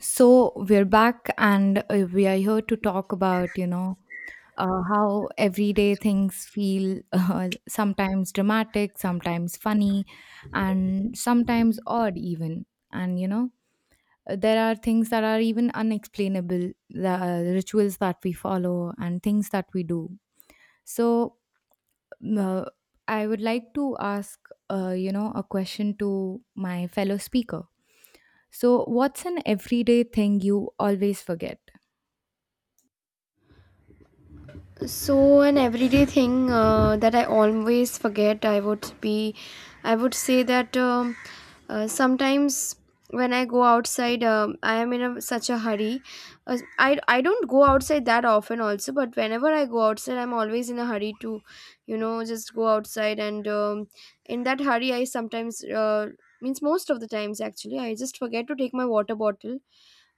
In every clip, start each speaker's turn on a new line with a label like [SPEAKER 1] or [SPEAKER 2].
[SPEAKER 1] So we're back and we are here to talk about, you know, how everyday things feel sometimes dramatic, sometimes funny, and sometimes odd, even. And, you know, there are things that are even unexplainable, the rituals that we follow, and things that we do. So uh, I would like to ask, you know, a question to my fellow speaker. So, what's an everyday thing you always forget?
[SPEAKER 2] So an everyday thing that I always forget, I would say that sometimes when I go outside, I am in a, such a hurry. I don't go outside that often also, but whenever I go outside, I'm always in a hurry to, just go outside. And in that hurry, I sometimes means most of the times actually, I just forget to take my water bottle.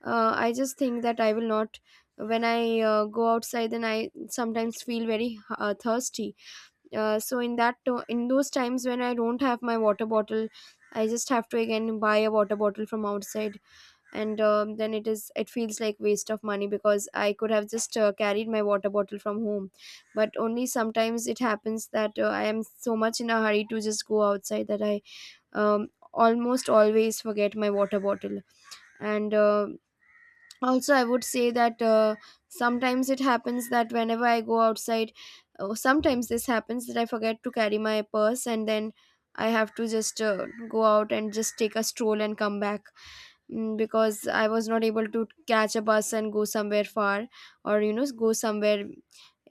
[SPEAKER 2] I just think that I will not, when I go outside, then I sometimes feel very thirsty. So in that in those times when I don't have my water bottle, I just have to again buy a water bottle from outside. And then it feels like waste of money, because I could have just carried my water bottle from home. But only sometimes it happens that I am so much in a hurry to just go outside that I um, almost always forget my water bottle. And also, I would say that sometimes it happens that whenever I go outside, oh, sometimes this happens that I forget to carry my purse, and then I have to just go out and just take a stroll and come back, because I was not able to catch a bus and go somewhere far, or go somewhere.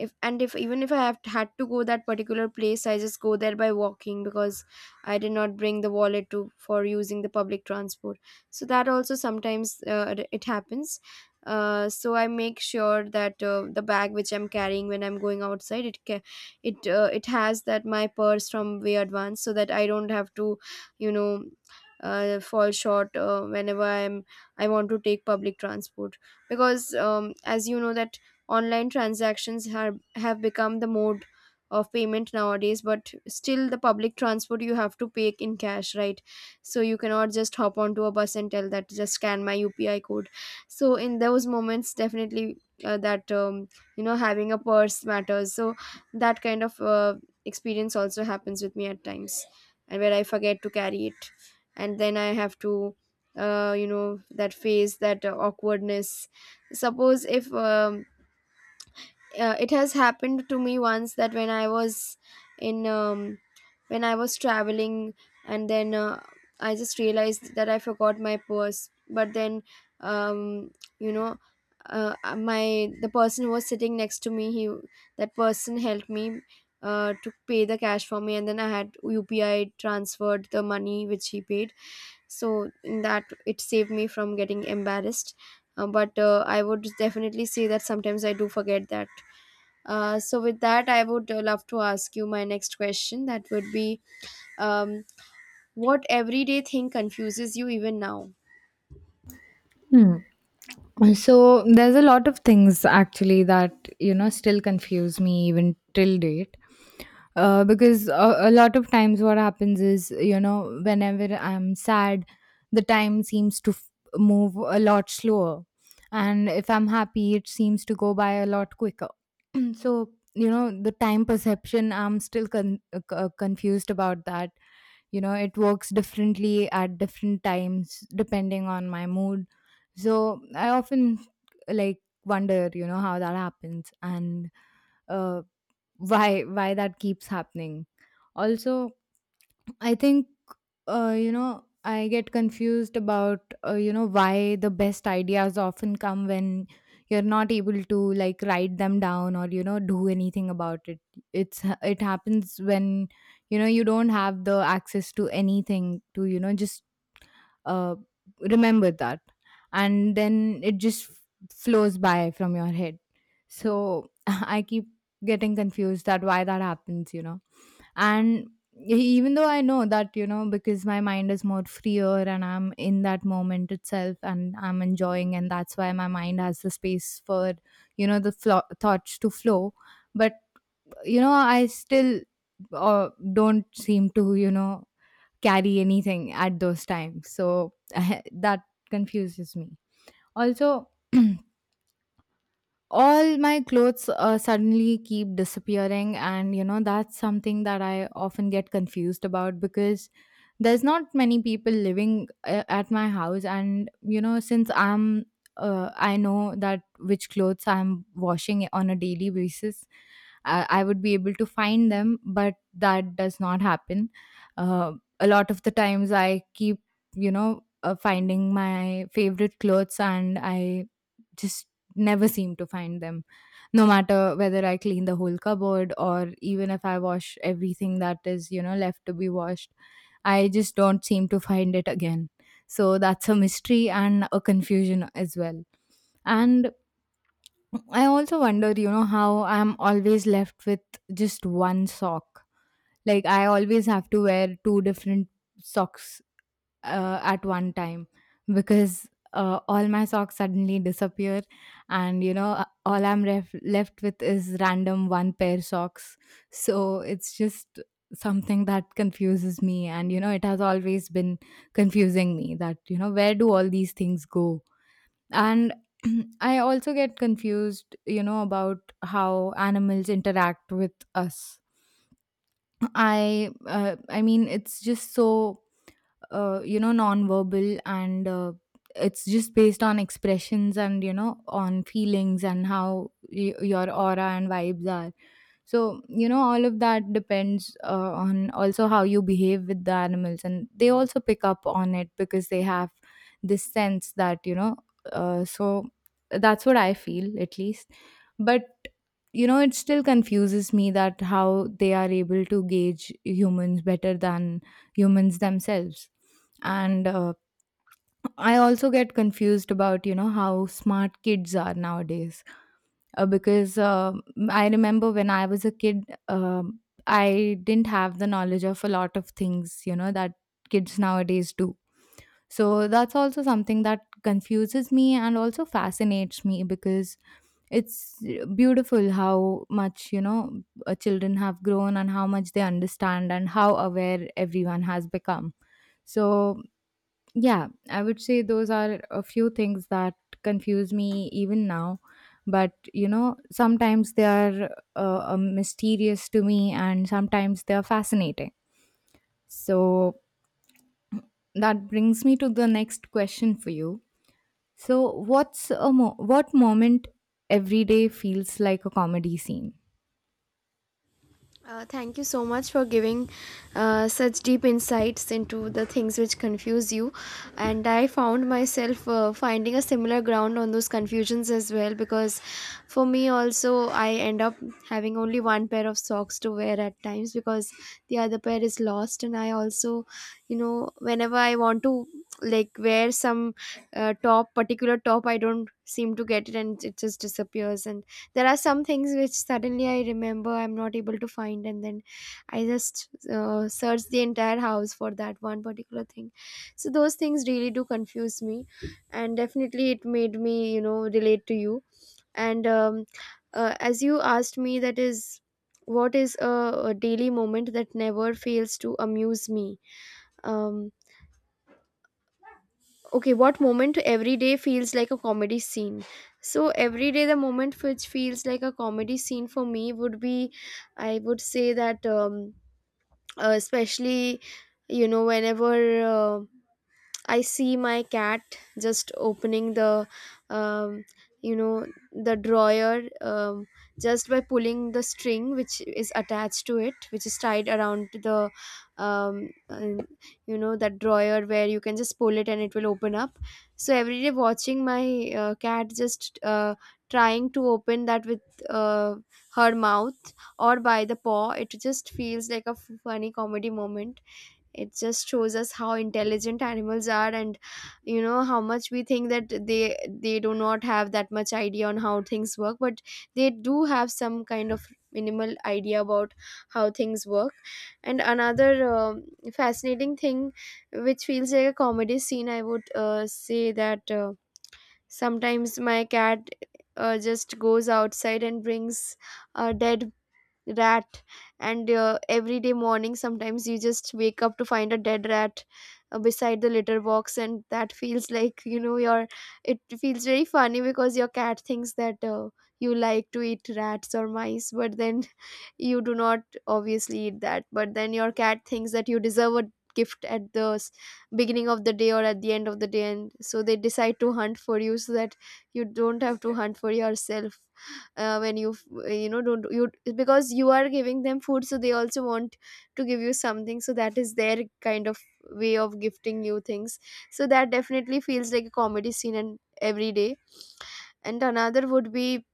[SPEAKER 2] If and if even if I have had to go that particular place, I just go there by walking, because I did not bring the wallet to for using the public transport. So that also sometimes it happens. So I make sure that the bag which I'm carrying when I'm going outside, it ca- it it has that my purse from way advance, so that I don't have to you know fall short whenever I want to take public transport. Because as you know that online transactions have become the mode of payment nowadays, but still the public transport you have to pay in cash, right? So you cannot just hop onto a bus and tell that just scan my UPI code. So in those moments, definitely, that having a purse matters. So that kind of experience also happens with me at times, and where I forget to carry it, and then I have to, you know, that phase, that awkwardness. Suppose if, it has happened to me once that when I was in when I was traveling, and then I just realized that I forgot my purse. But then, um, you know, my the person who was sitting next to me, he that person helped me to pay the cash for me, and then I had UPI transferred the money which he paid. So in that, it saved me from getting embarrassed. But I would definitely say that sometimes I do forget that. So with that, I would love to ask you my next question, that would be, um, what everyday thing confuses you even now?
[SPEAKER 1] Hmm. So there's a lot of things actually that, you know, still confuse me even till date. Because a lot of times what happens is, you know, whenever I'm sad, the time seems to move a lot slower, and if I'm happy, it seems to go by a lot quicker. So you know, the time perception. I'm still confused about that. You know, it works differently at different times depending on my mood, so I often like wonder, you know, how that happens. And uh, why that keeps happening. Also I think, you know, I get confused about, you know, why the best ideas often come when you're not able to like write them down or, you know, do anything about it. It happens when, you know, you don't have the access to anything to, you know, just uh, remember that. And then it just flows by from your head. So I keep getting confused that why that happens, you know. And even though I know that, you know, because my mind is more freer and I'm in that moment itself and I'm enjoying and that's why my mind has the space for, you know, the thoughts to flow. But you know, I still don't seem to, you know, carry anything at those times, so that confuses me. Also all my clothes suddenly keep disappearing and you know, that's something that I often get confused about because there's not many people living at my house and you know, since I'm I know that which clothes I'm washing on a daily basis, I would be able to find them, but that does not happen. uh, a lot of the times I keep, you know, finding my favorite clothes and I just never seem to find them, no matter whether I clean the whole cupboard or even if I wash everything that is, you know, left to be washed. I just don't seem to find it again, so that's a mystery and a confusion as well. And I also wonder, you know, how I'm always left with just one sock. Like I always have to wear two different socks at one time because all my socks suddenly disappear. And you know, all I'm left with is random one pair socks. So it's just something that confuses me, and you know, it has always been confusing me that, you know, where do all these things go. And I also get confused, you know, about how animals interact with us. I mean it's just so you know, non-verbal and it's just based on expressions and, you know, on feelings and how your aura and vibes are. So you know, all of that depends on also how you behave with the animals, and they also pick up on it because they have this sense that, you know, so that's what I feel at least. But you know, it still confuses me that how they are able to gauge humans better than humans themselves. And I also get confused about, you know, how smart kids are nowadays. Because I remember when I was a kid, I didn't have the knowledge of a lot of things, you know, that kids nowadays do. So that's also something that confuses me and also fascinates me because it's beautiful how much, you know, children have grown and how much they understand and how aware everyone has become. So yeah, I would say those are a few things that confuse me even now. But, you know, sometimes they are mysterious to me and sometimes they are fascinating. So that brings me to the next question for you. So, what's what moment every day feels like a comedy scene?
[SPEAKER 2] Thank you so much for giving such deep insights into the things which confuse you. And I found myself finding a similar ground on those confusions as well, because for me also, I end up having only one pair of socks to wear at times, because the other pair is lost. And I also, you know, whenever I want to like wear some top, particular top, I don't seem to get it and it just disappears. And there are some things which suddenly I remember I'm not able to find, and then I just search the entire house for that one particular thing. So those things really do confuse me, and definitely it made me, relate to you. And as you asked me, that is, what is a daily moment that never fails to amuse me? um okay, what moment every day feels like a comedy scene? So every day the moment which feels like a comedy scene for me would be, I would say that, especially, whenever uh, I see my cat just opening um, you know, the drawer, just by pulling the string which is attached to it, which is tied around um, uh, that drawer, where you can just pull it and it will open up. So every day watching my cat just trying to open that with uh, her mouth or by the paw, it just feels like a funny comedy moment. It just shows us how intelligent animals are, and you know how much we think that they do not have that much idea on how things work, but they do have some kind of minimal idea about how things work. And another fascinating thing which feels like a comedy scene, I would say that sometimes my cat just goes outside and brings a dead rat. And every day morning, sometimes you just wake up to find a dead rat beside the litter box, and that feels like, you know, your it feels very funny, because your cat thinks that you like to eat rats or mice, but then you do not obviously eat that. But then your cat thinks that you deserve a gift at the beginning of the day or at the end of the day, and so they decide to hunt for you so that you don't have to hunt for yourself when you you know, don't you, because you are giving them food, so they also want to give you something. So that is their kind of way of gifting you things. So that definitely feels like a comedy scene, and every day. And another would be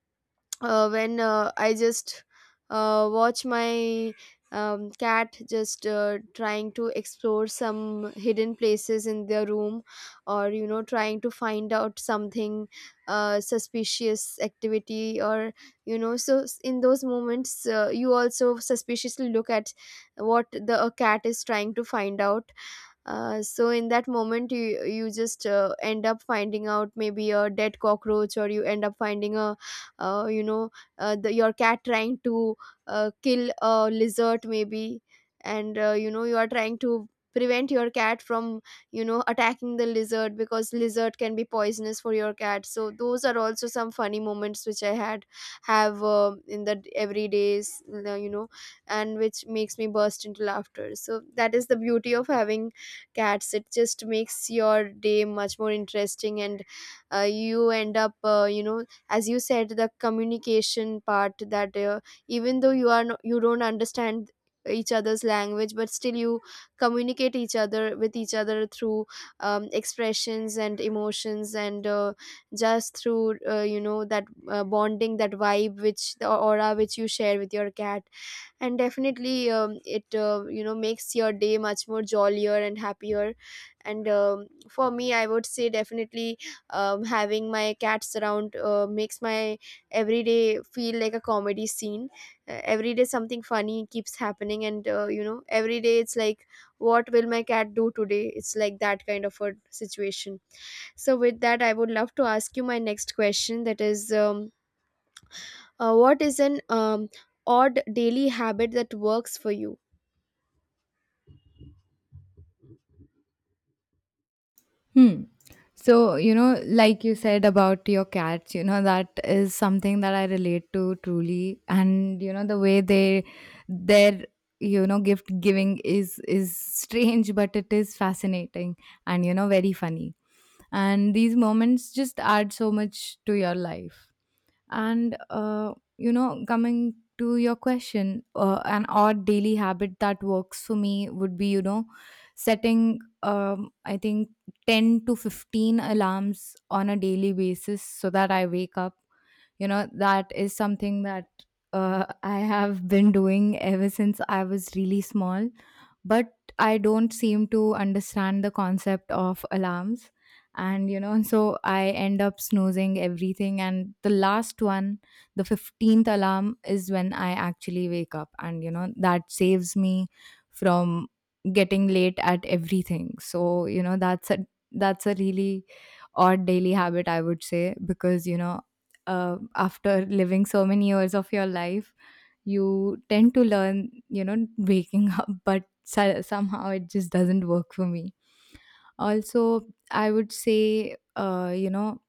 [SPEAKER 2] when I just watch my cat just trying to explore some hidden places in their room, or you know, trying to find out something suspicious activity. Or you know, so in those moments, you also suspiciously look at what the a cat is trying to find out. So in that moment, you just end up finding out maybe a dead cockroach, or you end up finding a you know the, your cat trying to kill a lizard maybe. And you know, you are trying to prevent your cat from attacking the lizard, because lizard can be poisonous for your cat. So those are also some funny moments which I had have in the everydays, you know, and which makes me burst into laughter. So that is the beauty of having cats. It just makes your day much more interesting. And you end up, as you said, the communication part, that even though you are you don't understand each other's language, but still you communicate each other with each other through expressions and emotions, and just through, you know, that bonding, that vibe, which the aura which you share with your cat. And definitely, it makes your day much more jollier and happier. And for me, I would say definitely having my cats around makes my everyday feel like a comedy scene. Every day something funny keeps happening, and every day it's like, what will my cat do today? It's like that kind of a situation. So with that, I would love to ask you my next question, that is, what is an odd daily habit that works for you?
[SPEAKER 1] Hmm. So, you know, like you said about your cats, you know, that is something that I relate to truly. And, you know, the way they, their, you know, gift giving is strange, but it is fascinating and, you know, very funny. And these moments just add so much to your life. And, you know, coming to your question, an odd daily habit that works for me would be, you know, setting, I think, 10 to 15 alarms on a daily basis so that I wake up. You know, that is something that I have been doing ever since I was really small, but I don't seem to understand the concept of alarms. And, you know, so I end up snoozing everything. And the last one, the 15th alarm, is when I actually wake up. And, you know, that saves me from getting late at everything. So, you know, that's a really odd daily habit, I would say, because you know, after living so many years of your life, you tend to learn, you know, waking up, but somehow it just doesn't work for me. Also, I would say, you know,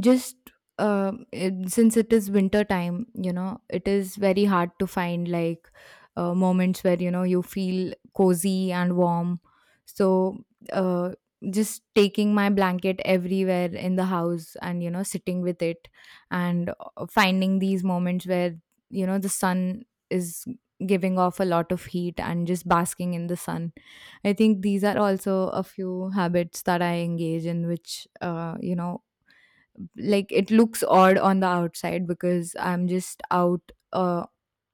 [SPEAKER 1] just since it is winter time, you know, it is very hard to find like moments where you know, you feel cozy and warm. So uh, just taking my blanket everywhere in the house and, you know, sitting with it and finding these moments where, you know, the sun is giving off a lot of heat and just basking in the sun. I think these are also a few habits that I engage in which, you know, like it looks odd on the outside because i'm just out uh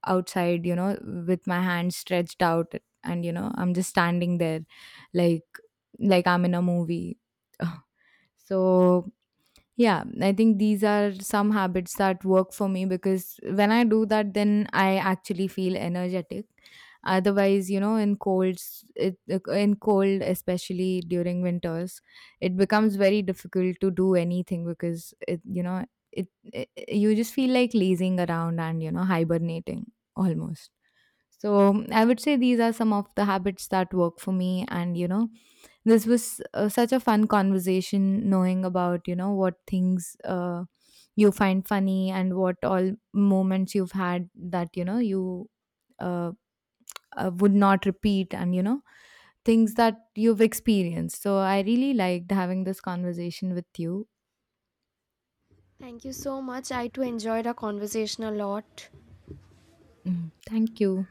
[SPEAKER 1] outside you know, with my hands stretched out, and you know, I'm just standing there, like like I'm in a movie. So yeah, I think these are some habits that work for me because when I do that, then I actually feel energetic. Otherwise, you know, in cold, especially during winters, it becomes very difficult to do anything because it you just feel like lazing around and you know, hibernating almost. So I would say these are some of the habits that work for me. And, you know, this was such a fun conversation knowing about, you know, what things you find funny and what all moments you've had that, you know, you uh, would not repeat and, you know, things that you've experienced. So I really liked having this conversation with you.
[SPEAKER 2] Thank you so much. I too enjoyed our conversation a lot.
[SPEAKER 1] Mm, thank you.